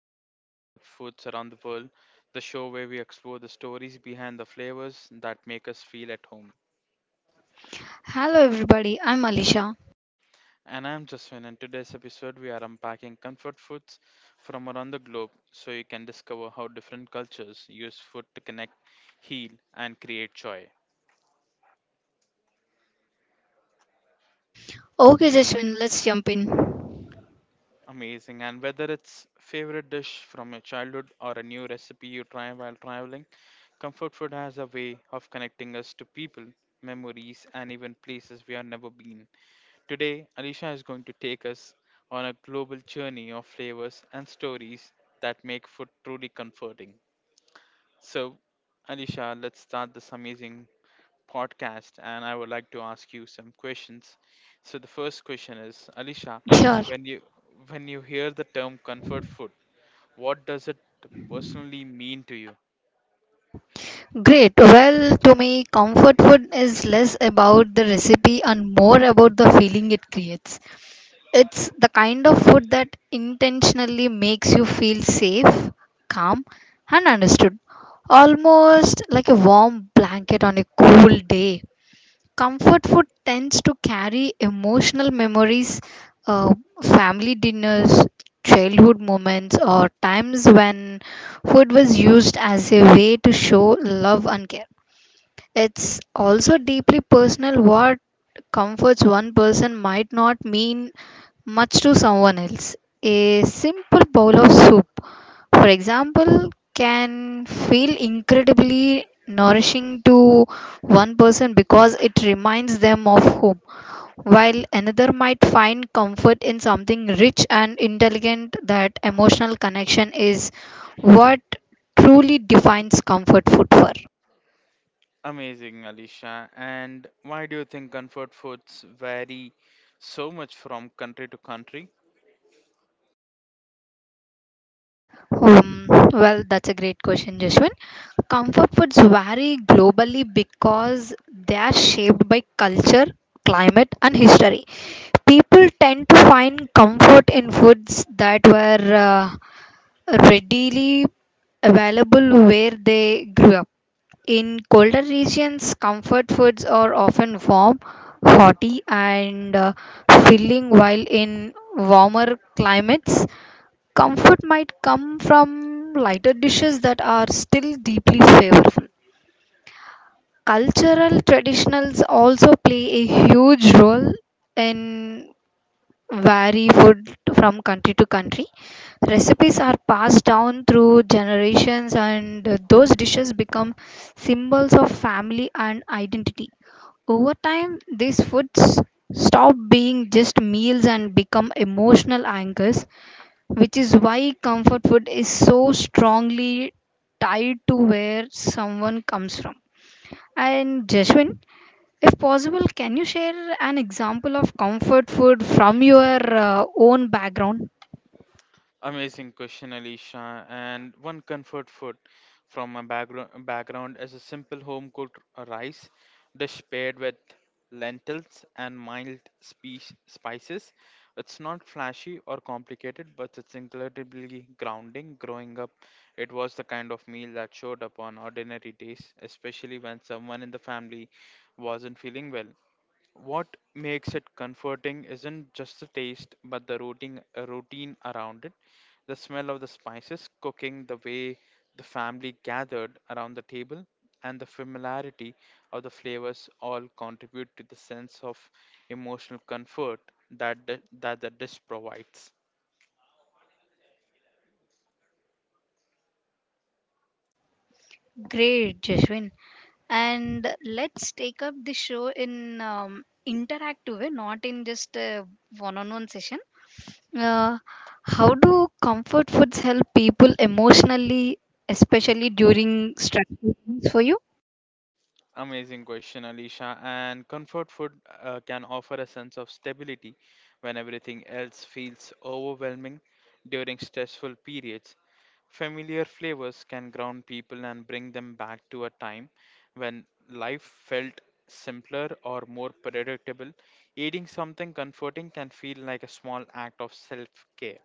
listening to Comfort Foods Around the World, the show where we explore the stories behind the flavors that make us feel at home. Hello, everybody. I'm Alisha. And I'm Jaswin, and today's episode we are unpacking comfort foods from around the globe so you can discover how different cultures use food to connect, heal, and create joy. Okay, Jaswin, let's jump in. Amazing. And whether it's favorite dish from your childhood or a new recipe you try while traveling, comfort food has a way of connecting us to people, memories, and even places we have never been. Today, Alicia is going to take us on a global journey of flavors and stories that make food truly comforting. So, Alicia, let's start this amazing podcast, and I would like to ask you some questions. So the first question is, Alisha, Sure. when you when you hear the term comfort food, what does it personally mean to you? Great. Well, to me, comfort food is less about the recipe and more about the feeling it creates. It's the kind of food that intentionally makes you feel safe, calm, and understood. Almost like a warm blanket on a cool day. Comfort food tends to carry emotional memories, uh, family dinners, childhood moments, or times when food was used as a way to show love and care. It's also deeply personal what comforts one person might not mean much to someone else. A simple bowl of soup, for example, can feel incredibly nourishing to one person because it reminds them of home, while another might find comfort in something rich and intelligent. That emotional connection is what truly defines comfort food for. Amazing, Alisha. And why do you think comfort foods vary so much from country to country? Um, well, that's a great question, Jashwin. Comfort foods vary globally because they are shaped by culture, climate, and history. People tend to find comfort in foods that were readily available where they grew up. In colder regions, comfort foods are often warm, hearty, and filling, while in warmer climates, comfort might come from lighter dishes that are still deeply flavorful. Cultural traditionals also play a huge role in vary food from country to country. Recipes are passed down through generations and those dishes become symbols of family and identity. Over time, these foods stop being just meals and become emotional anchors, which is why comfort food is so strongly tied to where someone comes from. And Jashwin, if possible, can you share an example of comfort food from your own background? Amazing question, Alicia. And one comfort food from my background is a simple home cooked rice dish paired with lentils and mild spices. It's not flashy or complicated, but it's incredibly grounding. Growing up, it was the kind of meal that showed up on ordinary days, especially when someone in the family wasn't feeling well. What makes it comforting isn't just the taste, but the routine around it. The smell of the spices cooking, the way the family gathered around the table, and the familiarity of the flavors all contribute to the sense of emotional comfort that the dish provides. Great, Jashwin. And let's take up the show in interactive way, not in just a one-on-one session. Uh, how do comfort foods help people emotionally, especially during stressful times for you? Amazing question, Alicia. And comfort food can offer a sense of stability when everything else feels overwhelming during stressful periods. Familiar flavors can ground people and bring them back to a time when life felt simpler or more predictable. Eating something comforting can feel like a small act of self care.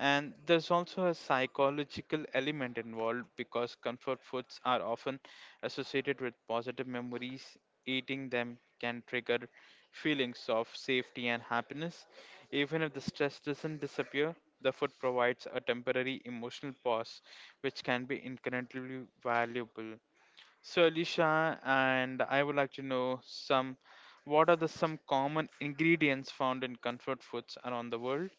And there's also a psychological element involved because comfort foods are often associated with positive memories. Eating them can trigger feelings of safety and happiness. Even if the stress doesn't disappear, the food provides a temporary emotional pause, which can be incredibly valuable. So, Alicia, and I would like to know some what are the some common ingredients found in comfort foods around the world?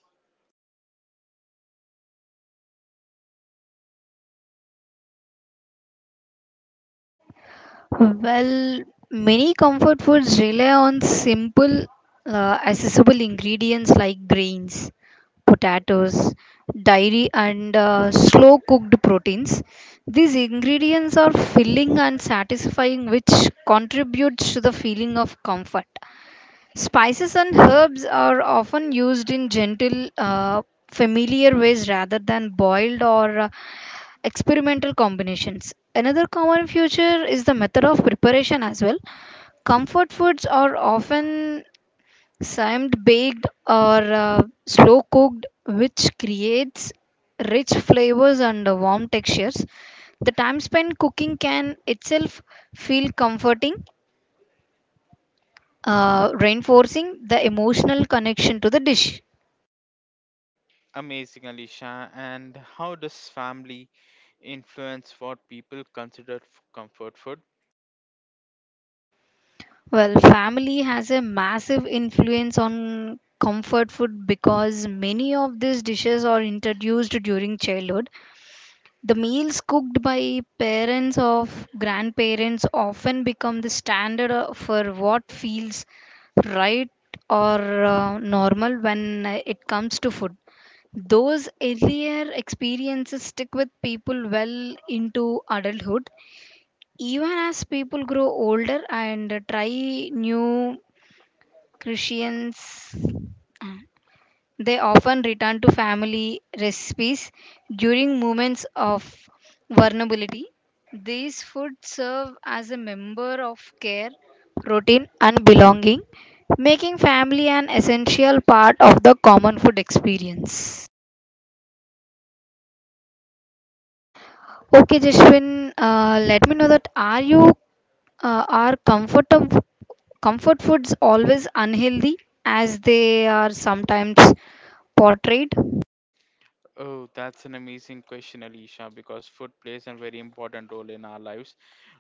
Well, many comfort foods rely on simple, accessible ingredients like grains, potatoes, dairy, and slow cooked proteins. These ingredients are filling and satisfying, which contributes to the feeling of comfort. Spices and herbs are often used in gentle, familiar ways rather than boiled or experimental combinations. Another common feature is the method of preparation as well. Comfort foods are often simmed baked or slow cooked, which creates rich flavors and warm textures. The time spent cooking can itself feel comforting, reinforcing the emotional connection to the dish. Amazing, Alicia. And how does family influence what people consider comfort food? Well, family has a massive influence on comfort food because many of these dishes are introduced during childhood. The meals cooked by parents or grandparents often become the standard for what feels right or normal when it comes to food. Those earlier experiences stick with people well into adulthood, even as people grow older and try new Christians, uh, they often return to family recipes during moments of vulnerability. These foods serve as a member of care, routine, and belonging, making family an essential part of the common food experience. Okay, Jashwin, let me know that are you are comfort foods always unhealthy as they are sometimes portrayed? Oh, that's an amazing question, Alicia, because food plays a very important role in our lives.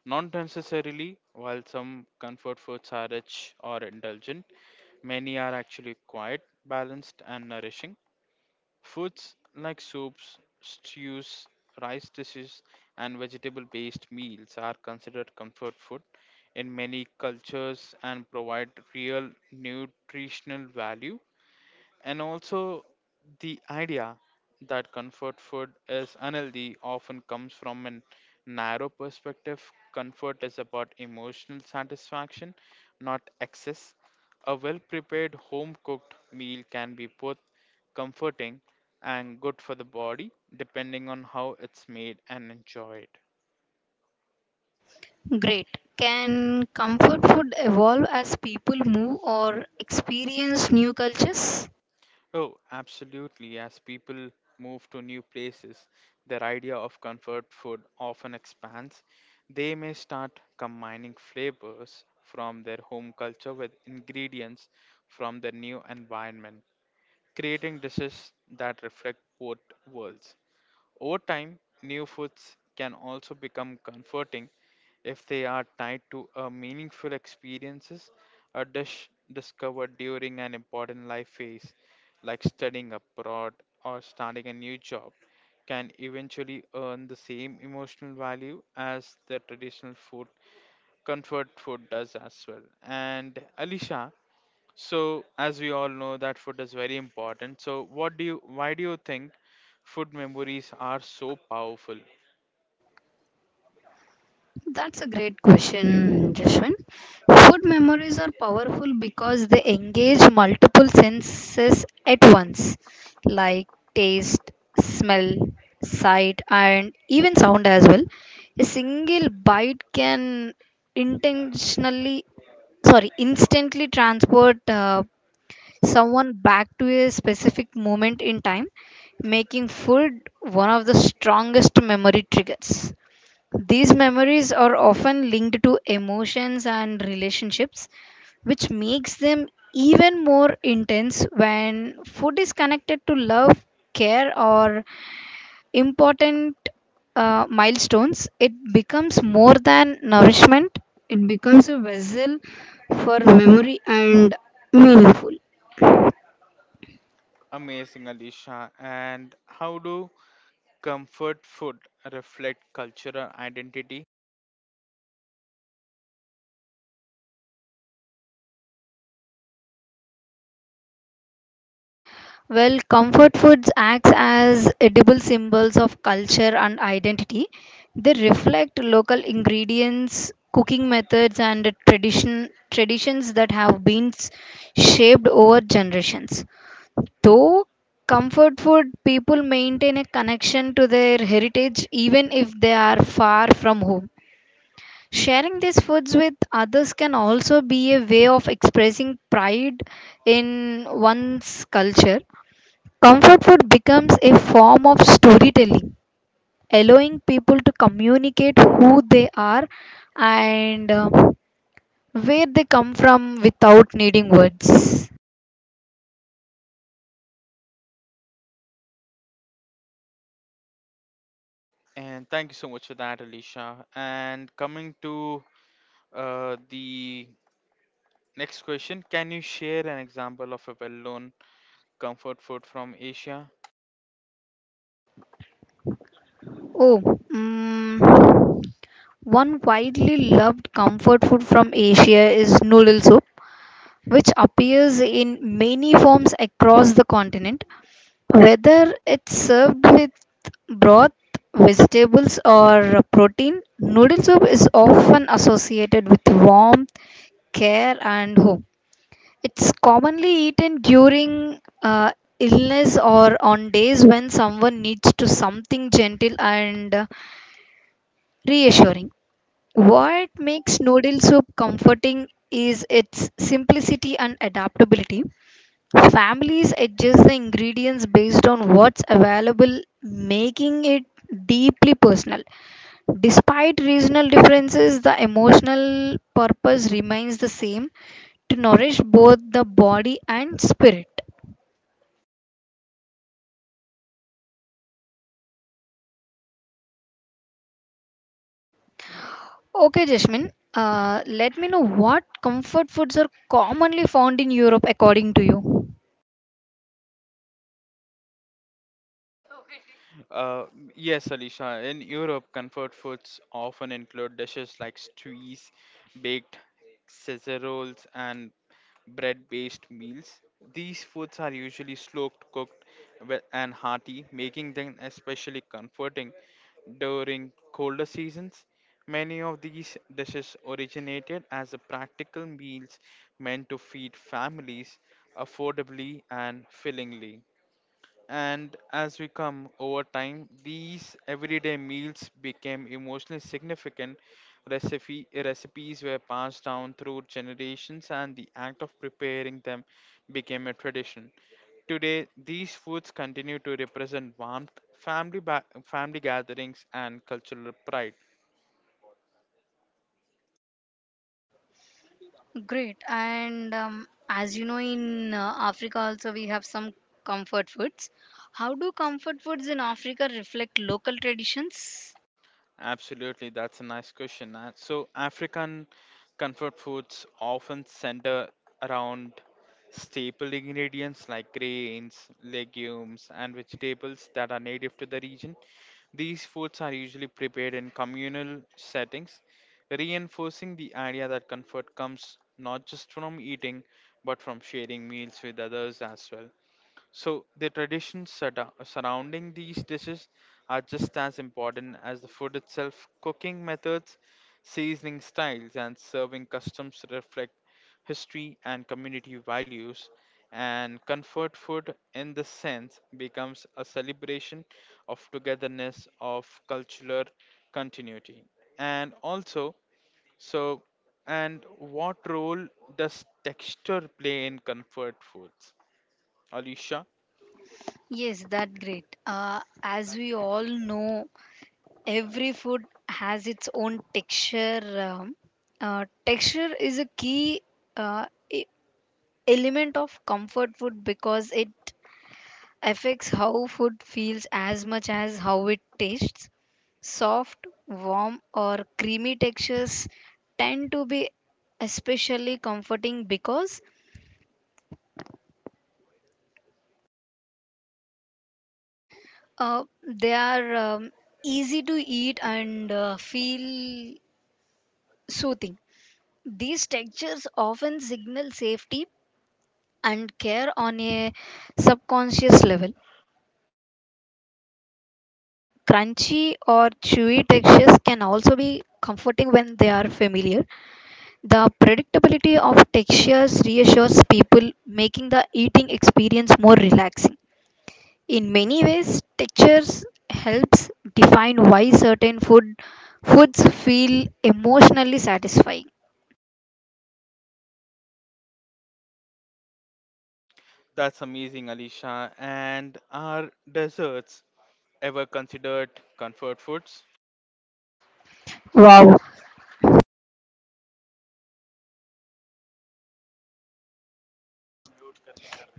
Not necessarily, while some comfort foods are rich or indulgent, many are actually quiet, balanced, and nourishing. Foods like soups, stews, rice dishes, and vegetable based meals are considered comfort food in many cultures and provide real nutritional value and also, the idea that comfort food is unhealthy often comes from a narrow perspective. Comfort is about emotional satisfaction, not excess. A well prepared home cooked meal can be both comforting and good for the body, depending on how it's made and enjoyed. Great. Can comfort food evolve as people move or experience new cultures? Oh, absolutely. As people move to new places, their idea of comfort food often expands. They may start combining flavors from their home culture with ingredients from their new environment, creating dishes that reflect both worlds. Over time, new foods can also become comforting if they are tied to a meaningful experiences a dish discovered during an important life phase like studying abroad or starting a new job can eventually earn the same emotional value as the traditional food comfort food does as well. And Alisha, so as we all know that food is very important, so what do you why do you think food memories are so powerful? That's a great question, Jashwin. Food memories are powerful because they engage multiple senses at once, like taste, smell, sight, and even sound as well. A single bite can intentionally sorry instantly transport someone back to a specific moment in time, making food one of the strongest memory triggers. These memories are often linked to emotions and relationships, which makes them even more intense when food is connected to love, care, or important milestones. It becomes more than nourishment, it becomes a vessel for memory and meaningful. Amazing, Alisha. And how do comfort food reflect cultural identity? Well, comfort foods acts as edible symbols of culture and identity. They reflect local ingredients, cooking methods, and traditions that have been shaped over generations. Though comfort food people maintain a connection to their heritage even if they are far from home. Sharing these foods with others can also be a way of expressing pride in one's culture. Comfort food becomes a form of storytelling, allowing people to communicate who they are and where they come from without needing words. And thank you so much for that, Alicia. And coming to the next question, can you share an example of a well-known comfort food from Asia? Oh, mm, one widely loved comfort food from Asia is noodle soup, which appears in many forms across the continent. Whether it's served with broth, vegetables, or protein, noodle soup is often associated with warmth, care, and home. It's commonly eaten during illness or on days when someone needs to something gentle and reassuring. What makes noodle soup comforting is its simplicity and adaptability. Families adjust the ingredients based on what's available, making it deeply personal. Despite regional differences, the emotional purpose remains the same to nourish both the body and spirit. Okay, Jasmine, let me know what comfort foods are commonly found in Europe according to you. Uh, yes, Alisha. In Europe, comfort foods often include dishes like stews, baked casseroles, and bread-based meals. These foods are usually slow cooked and hearty, making them especially comforting during colder seasons. Many of these dishes originated as a practical meals meant to feed families affordably and fillingly. And as we come over time, these everyday meals became emotionally significant. Recipes were passed down through generations, and the act of preparing them became a tradition. Today, these foods continue to represent warmth, family, family gatherings, and cultural pride. Great. And as you know, in Africa also we have some comfort foods. How do comfort foods in Africa reflect local traditions? Absolutely, that's a nice question. So, African comfort foods often center around staple ingredients like grains, legumes, and vegetables that are native to the region. These foods are usually prepared in communal settings, reinforcing the idea that comfort comes not just from eating but from sharing meals with others as well. So the traditions surrounding these dishes are just as important as the food itself. Cooking methods, seasoning styles, and serving customs reflect history and community values. And comfort food, in this sense, becomes a celebration of togetherness, of cultural continuity. And also, so, and what role does texture play in comfort foods? Alicia? Yes, that great. As we all know, every food has its own texture. Um, texture is a key uh, e- element of comfort food because it affects how food feels as much as how it tastes. Soft, warm, or creamy textures tend to be especially comforting because they are easy to eat and feel soothing. These textures often signal safety and care on a subconscious level. Crunchy or chewy textures can also be comforting when they are familiar. The predictability of textures reassures people, making the eating experience more relaxing. In many ways, textures helps define why certain foods feel emotionally satisfying. That's amazing, Alicia. And are desserts ever considered comfort foods? Wow.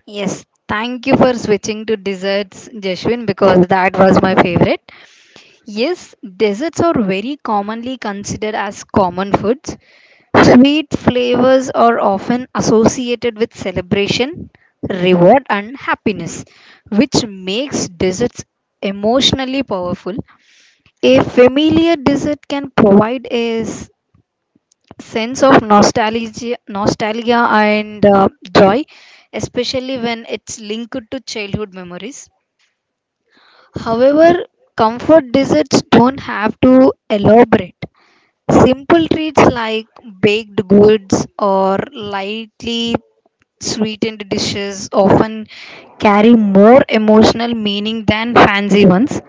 Yes, thank you for switching to desserts, Jeshwin, because that was my favorite. Yes, desserts are very commonly considered as common foods. Sweet flavors are often associated with celebration, reward, and happiness, which makes desserts emotionally powerful. A familiar dessert can provide a sense of nostalgia and joy, especially when it's linked to childhood memories. However, comfort desserts don't have to elaborate. Simple treats like baked goods or lightly sweetened dishes often carry more emotional meaning than fancy ones.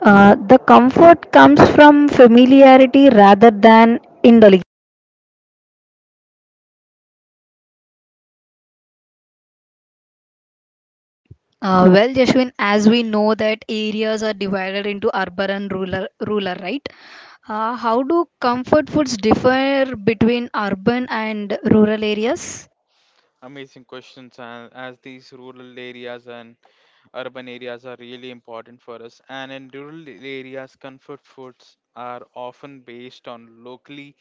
The comfort comes from familiarity rather than indulgence. Well, Jashwin, as we know that areas are divided into urban and rural, right? How do comfort foods differ between urban and rural areas? Amazing questions, and as these rural areas and urban areas are really important for us, and in rural areas, comfort foods are often based on locally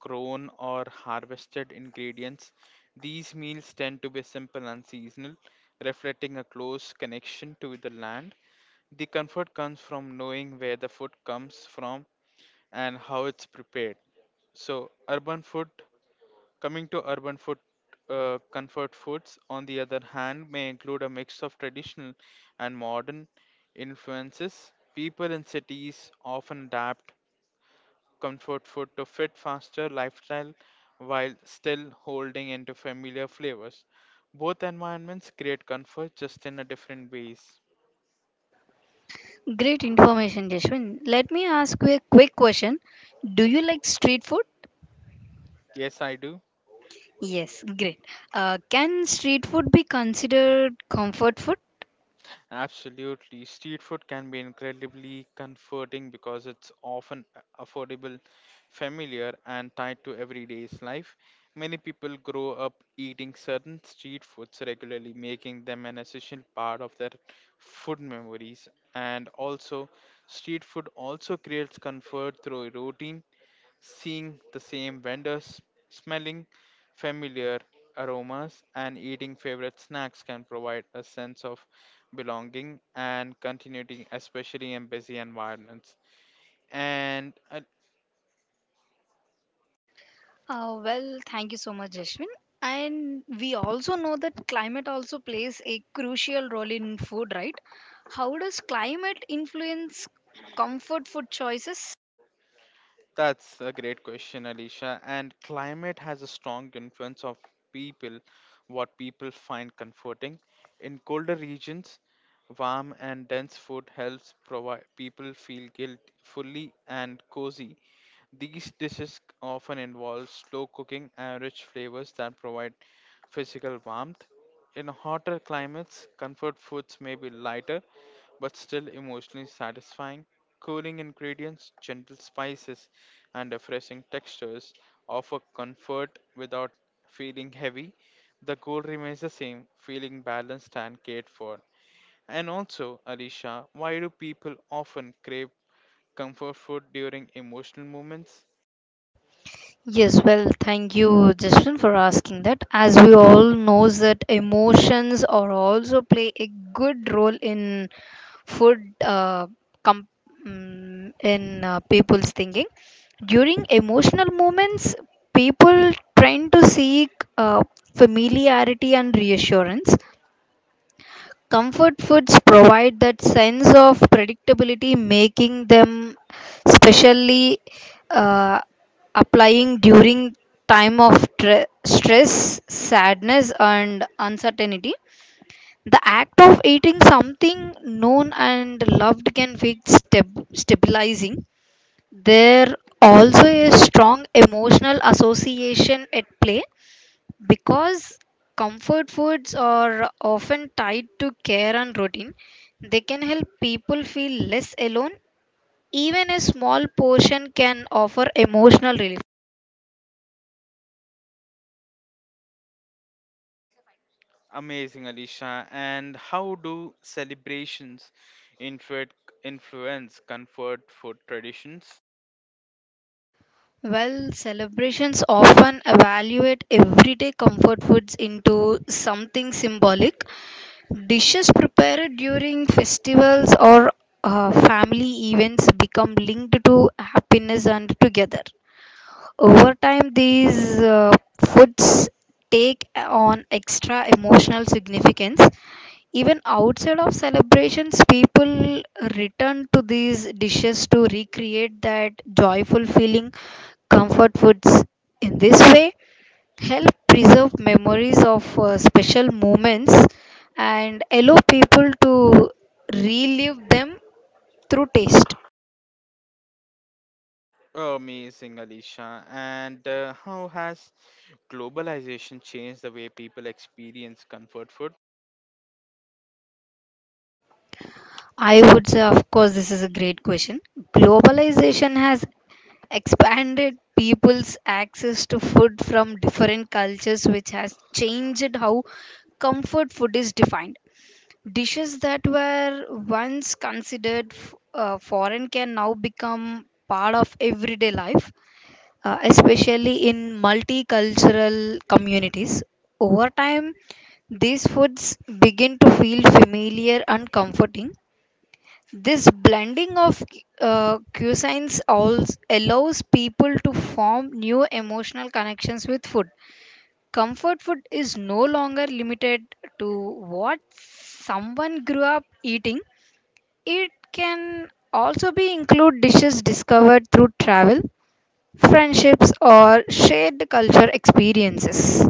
grown or harvested ingredients. These meals tend to be simple and seasonal, reflecting a close connection to the land. The comfort comes from knowing where the food comes from and how it's prepared. So, urban food coming to urban food, comfort foods, on the other hand, may include a mix of traditional and modern influences. People in cities often adapt comfort food to fit faster lifestyle while still holding into familiar flavors. Both environments create comfort just in a different ways. Great information, Jeshwin. Let me ask you a quick question. Do you like street food? Yes, I do. Yes, great. Can street food be considered comfort food? Absolutely. Street food can be incredibly comforting because it's often affordable, familiar, and tied to everyday's life. Many people grow up eating certain street foods regularly, making them an essential part of their food memories. And also, street food also creates comfort through routine seeing the same vendors, smelling familiar aromas, and eating favorite snacks can provide a sense of belonging and continuity, especially in busy environments. And Well, thank you so much, Jashwin. And we also know that climate also plays a crucial role in food, right? How does climate influence comfort food choices? That's a great question, Alicia. And climate has a strong influence of people, what people find comforting. In colder regions, warm and dense food helps provide people feel guilt fully and cozy. These dishes often involve slow cooking and rich flavors that provide physical warmth. In hotter climates, comfort foods may be lighter but still emotionally satisfying. Cooling ingredients, gentle spices, and refreshing textures offer comfort without feeling heavy. The goal remains the same feeling balanced and cared for. And also, Alicia, why do people often crave comfort food during emotional moments? Yes, well, thank you, Justin, for asking that. As we all knows that emotions are also play a good role in food com- in people's thinking. During emotional moments, people tend to seek uh, familiarity and reassurance. Comfort foods provide that sense of predictability, making them specially uh, applying during time of stress, sadness, and uncertainty. The act of eating something known and loved can feel stabilizing. There also a strong emotional association at play because comfort foods are often tied to care and routine, they can help people feel less alone. Even a small portion can offer emotional relief. Amazing, Alicia. And how do celebrations influence influence comfort food traditions? Well, celebrations often evaluate everyday comfort foods into something symbolic. Dishes prepared during festivals or family events become linked to happiness and together. Over time, these foods take on extra emotional significance. Even outside of celebrations, people return to these dishes to recreate that joyful feeling. Comfort foods in this way help preserve memories of special moments and allow people to relive them through taste. Amazing, Alicia. And how has globalization changed the way people experience comfort food? I would say, of course, this is a great question. Globalization has expanded people's access to food from different cultures, which has changed how comfort food is defined. Dishes that were once considered foreign can now become part of everyday life, especially in multicultural communities. Over time, these foods begin to feel familiar and comforting. This blending of cuisines also allows people to form new emotional connections with food. Comfort food is no longer limited to what someone grew up eating. It can also be include dishes discovered through travel, friendships or shared culture experiences.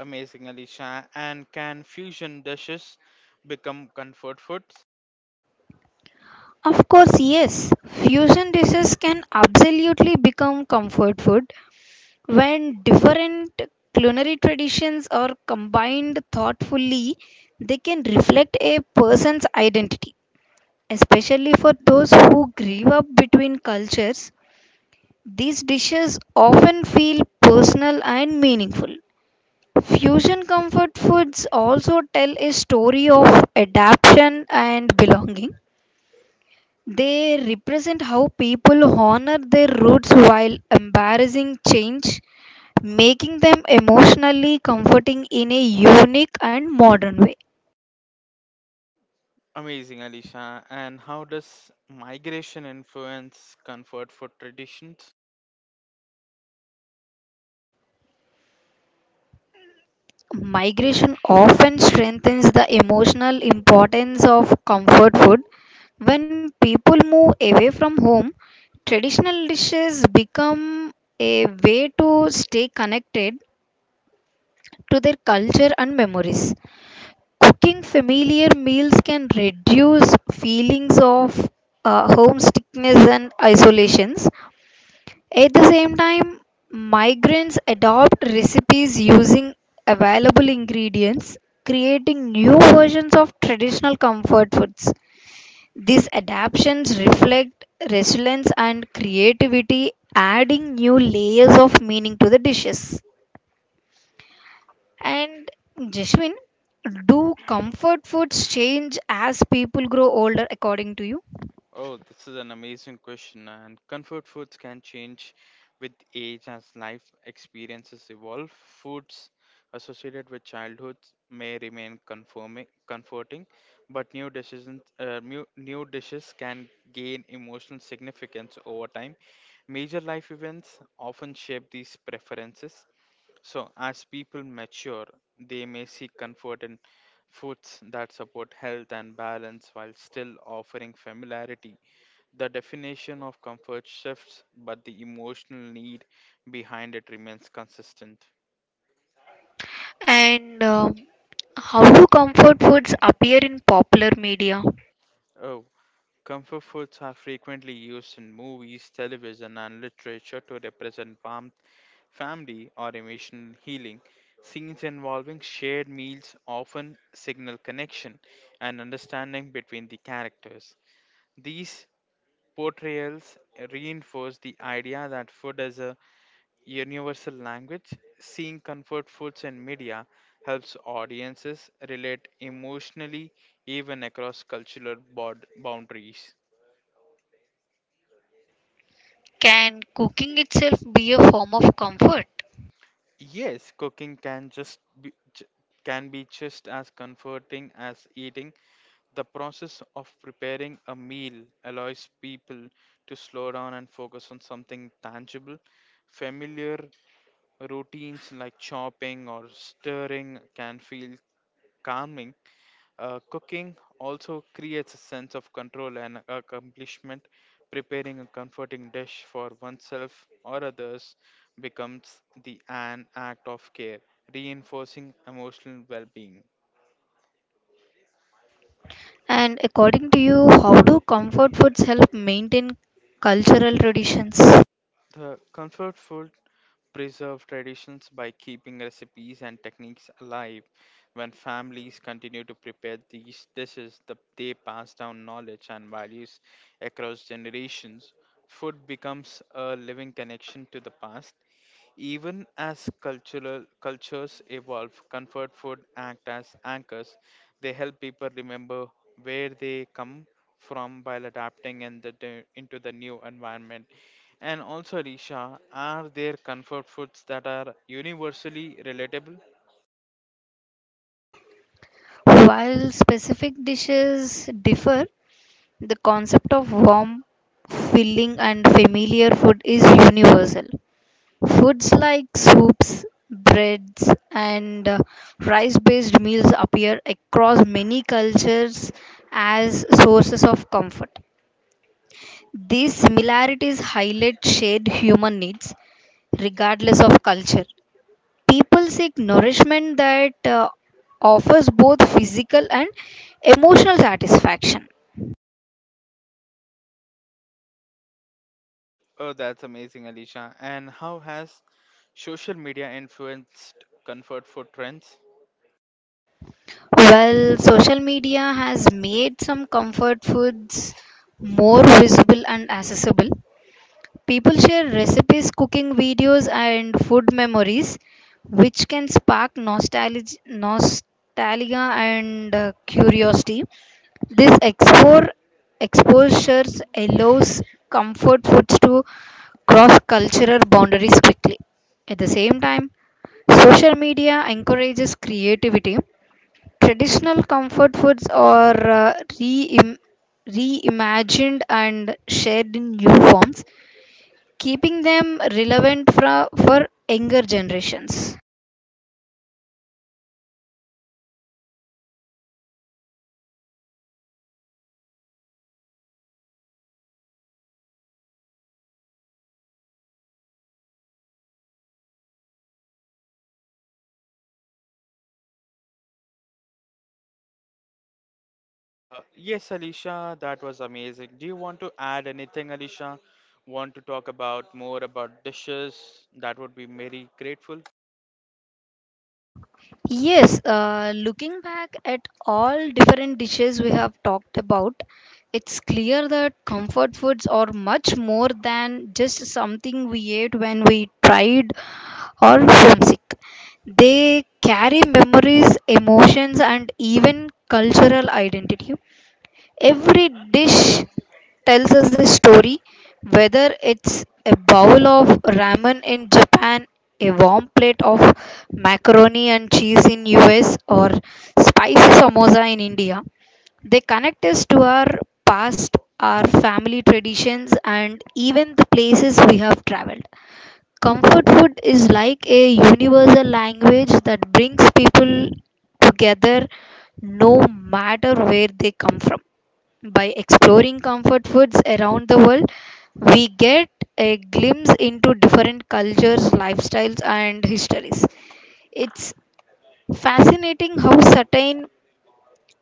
Amazing, Alicia. And can fusion dishes become comfort foods? Of course, yes. Fusion dishes can absolutely become comfort food. When different culinary traditions are combined thoughtfully, they can reflect a person's identity. Especially for those who grew up between cultures, these dishes often feel personal and meaningful. Fusion comfort foods also tell a story of adaptation and belonging. They represent how people honor their roots while embracing change, making them emotionally comforting in a unique and modern way. Amazing, Alicia. And how does migration influence comfort food traditions? Migration often strengthens the emotional importance of comfort food. When people move away from home, traditional dishes become a way to stay connected to their culture and memories. Cooking familiar meals can reduce feelings of homesickness and isolations. At the same time, migrants adopt recipes using available ingredients, creating new versions of traditional comfort foods. These adaptations reflect resilience and creativity, adding new layers of meaning to the dishes. And Jeshwin, do comfort foods change as people grow older according to you? Oh, this is an amazing question, and comfort foods can change with age as life experiences evolve. Foods associated with childhood may remain conforming, comforting, but new dishes, new dishes can gain emotional significance over time. Major life events often shape these preferences, so as people mature, they may seek comfort in foods that support health and balance while still offering familiarity the definition of comfort shifts, but the emotional need behind it remains consistent. And how do comfort foods appear in popular media? Oh, comfort foods are frequently used in movies, television, and literature to represent warmth, family, or emotional healing. Scenes involving shared meals often signal connection and understanding between the characters. These portrayals reinforce the idea that food is a universal language, seeing comfort foods in media helps audiences relate emotionally even across cultural boundaries. Can cooking itself be a form of comfort? Yes, cooking can just be, can be just as comforting as eating. The process of preparing a meal allows people to slow down and focus on something tangible. Familiar routines like chopping or stirring can feel calming. Cooking also creates a sense of control and accomplishment. Preparing a comforting dish for oneself or others becomes the an act of care, reinforcing emotional well being. And according to you, how do comfort foods help maintain cultural traditions? The comfort food preserve traditions by keeping recipes and techniques alive. When families continue to prepare these dishes, the, they pass down knowledge and values across generations. Food becomes a living connection to the past even as cultural cultures evolve, comfort food act as anchors. They help people remember where they come from while adapting in into the new environment. And also, Risha, are there comfort foods that are universally relatable? While specific dishes differ, the concept of warm, filling, and familiar food is universal. Foods like soups, breads, and rice based meals appear across many cultures as sources of comfort. These similarities highlight shared human needs, regardless of culture. People seek nourishment that offers both physical and emotional satisfaction. Oh, that's amazing, Alicia. And how has social media influenced comfort food trends? While social media has made some comfort foods more visible and accessible, people share recipes, cooking videos, and food memories, which can spark nostalgia and curiosity. This explore, exposures allows comfort foods to cross cultural boundaries quickly. At the same time, social media encourages creativity. Traditional comfort foods are re reimagined and shared in new forms, keeping them relevant for younger generations. Yes, Alicia, that was amazing. Do you want to add anything, Alicia? Want to talk about more about dishes? That would be very grateful. Yes, looking back at all different dishes we have talked about, it's clear that comfort foods are much more than just something we ate when we tried or homesick. They carry memories, emotions, and even cultural identity. Every dish tells us a story, whether it's a bowl of ramen in Japan, a warm plate of macaroni and cheese in US, or spicy samosa in India. They connect us to our past, our family traditions, and even the places we have traveled. Comfort food is like a universal language that brings people together no matter where they come from. By exploring comfort foods around the world, we get a glimpse into different cultures, lifestyles, and histories. It's fascinating how certain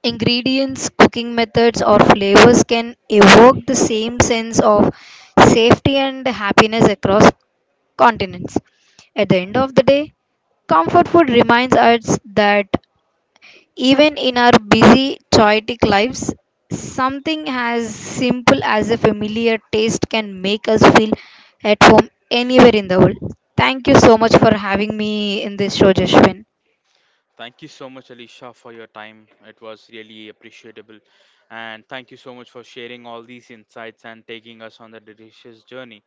ingredients, cooking methods, or flavors can evoke the same sense of safety and happiness across continents. At the end of the day, comfort food reminds us that even in our busy, chaotic lives, something as simple as a familiar taste can make us feel at home anywhere in the world. Thank you so much for having me in this show, Jashwin. Thank you so much, Alicia, for your time. It was really appreciable. And thank you so much for sharing all these insights and taking us on the delicious journey.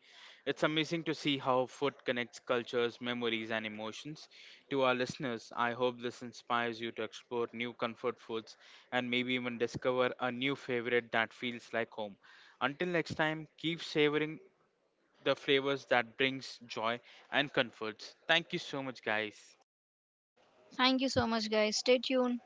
It's amazing to see how food connects cultures, memories, and emotions. To our listeners, I hope this inspires you to explore new comfort foods and maybe even discover a new favorite that feels like home. Until next time, keep savoring the flavors that brings joy and comforts. Thank you so much, guys. Thank you so much, guys. Stay tuned.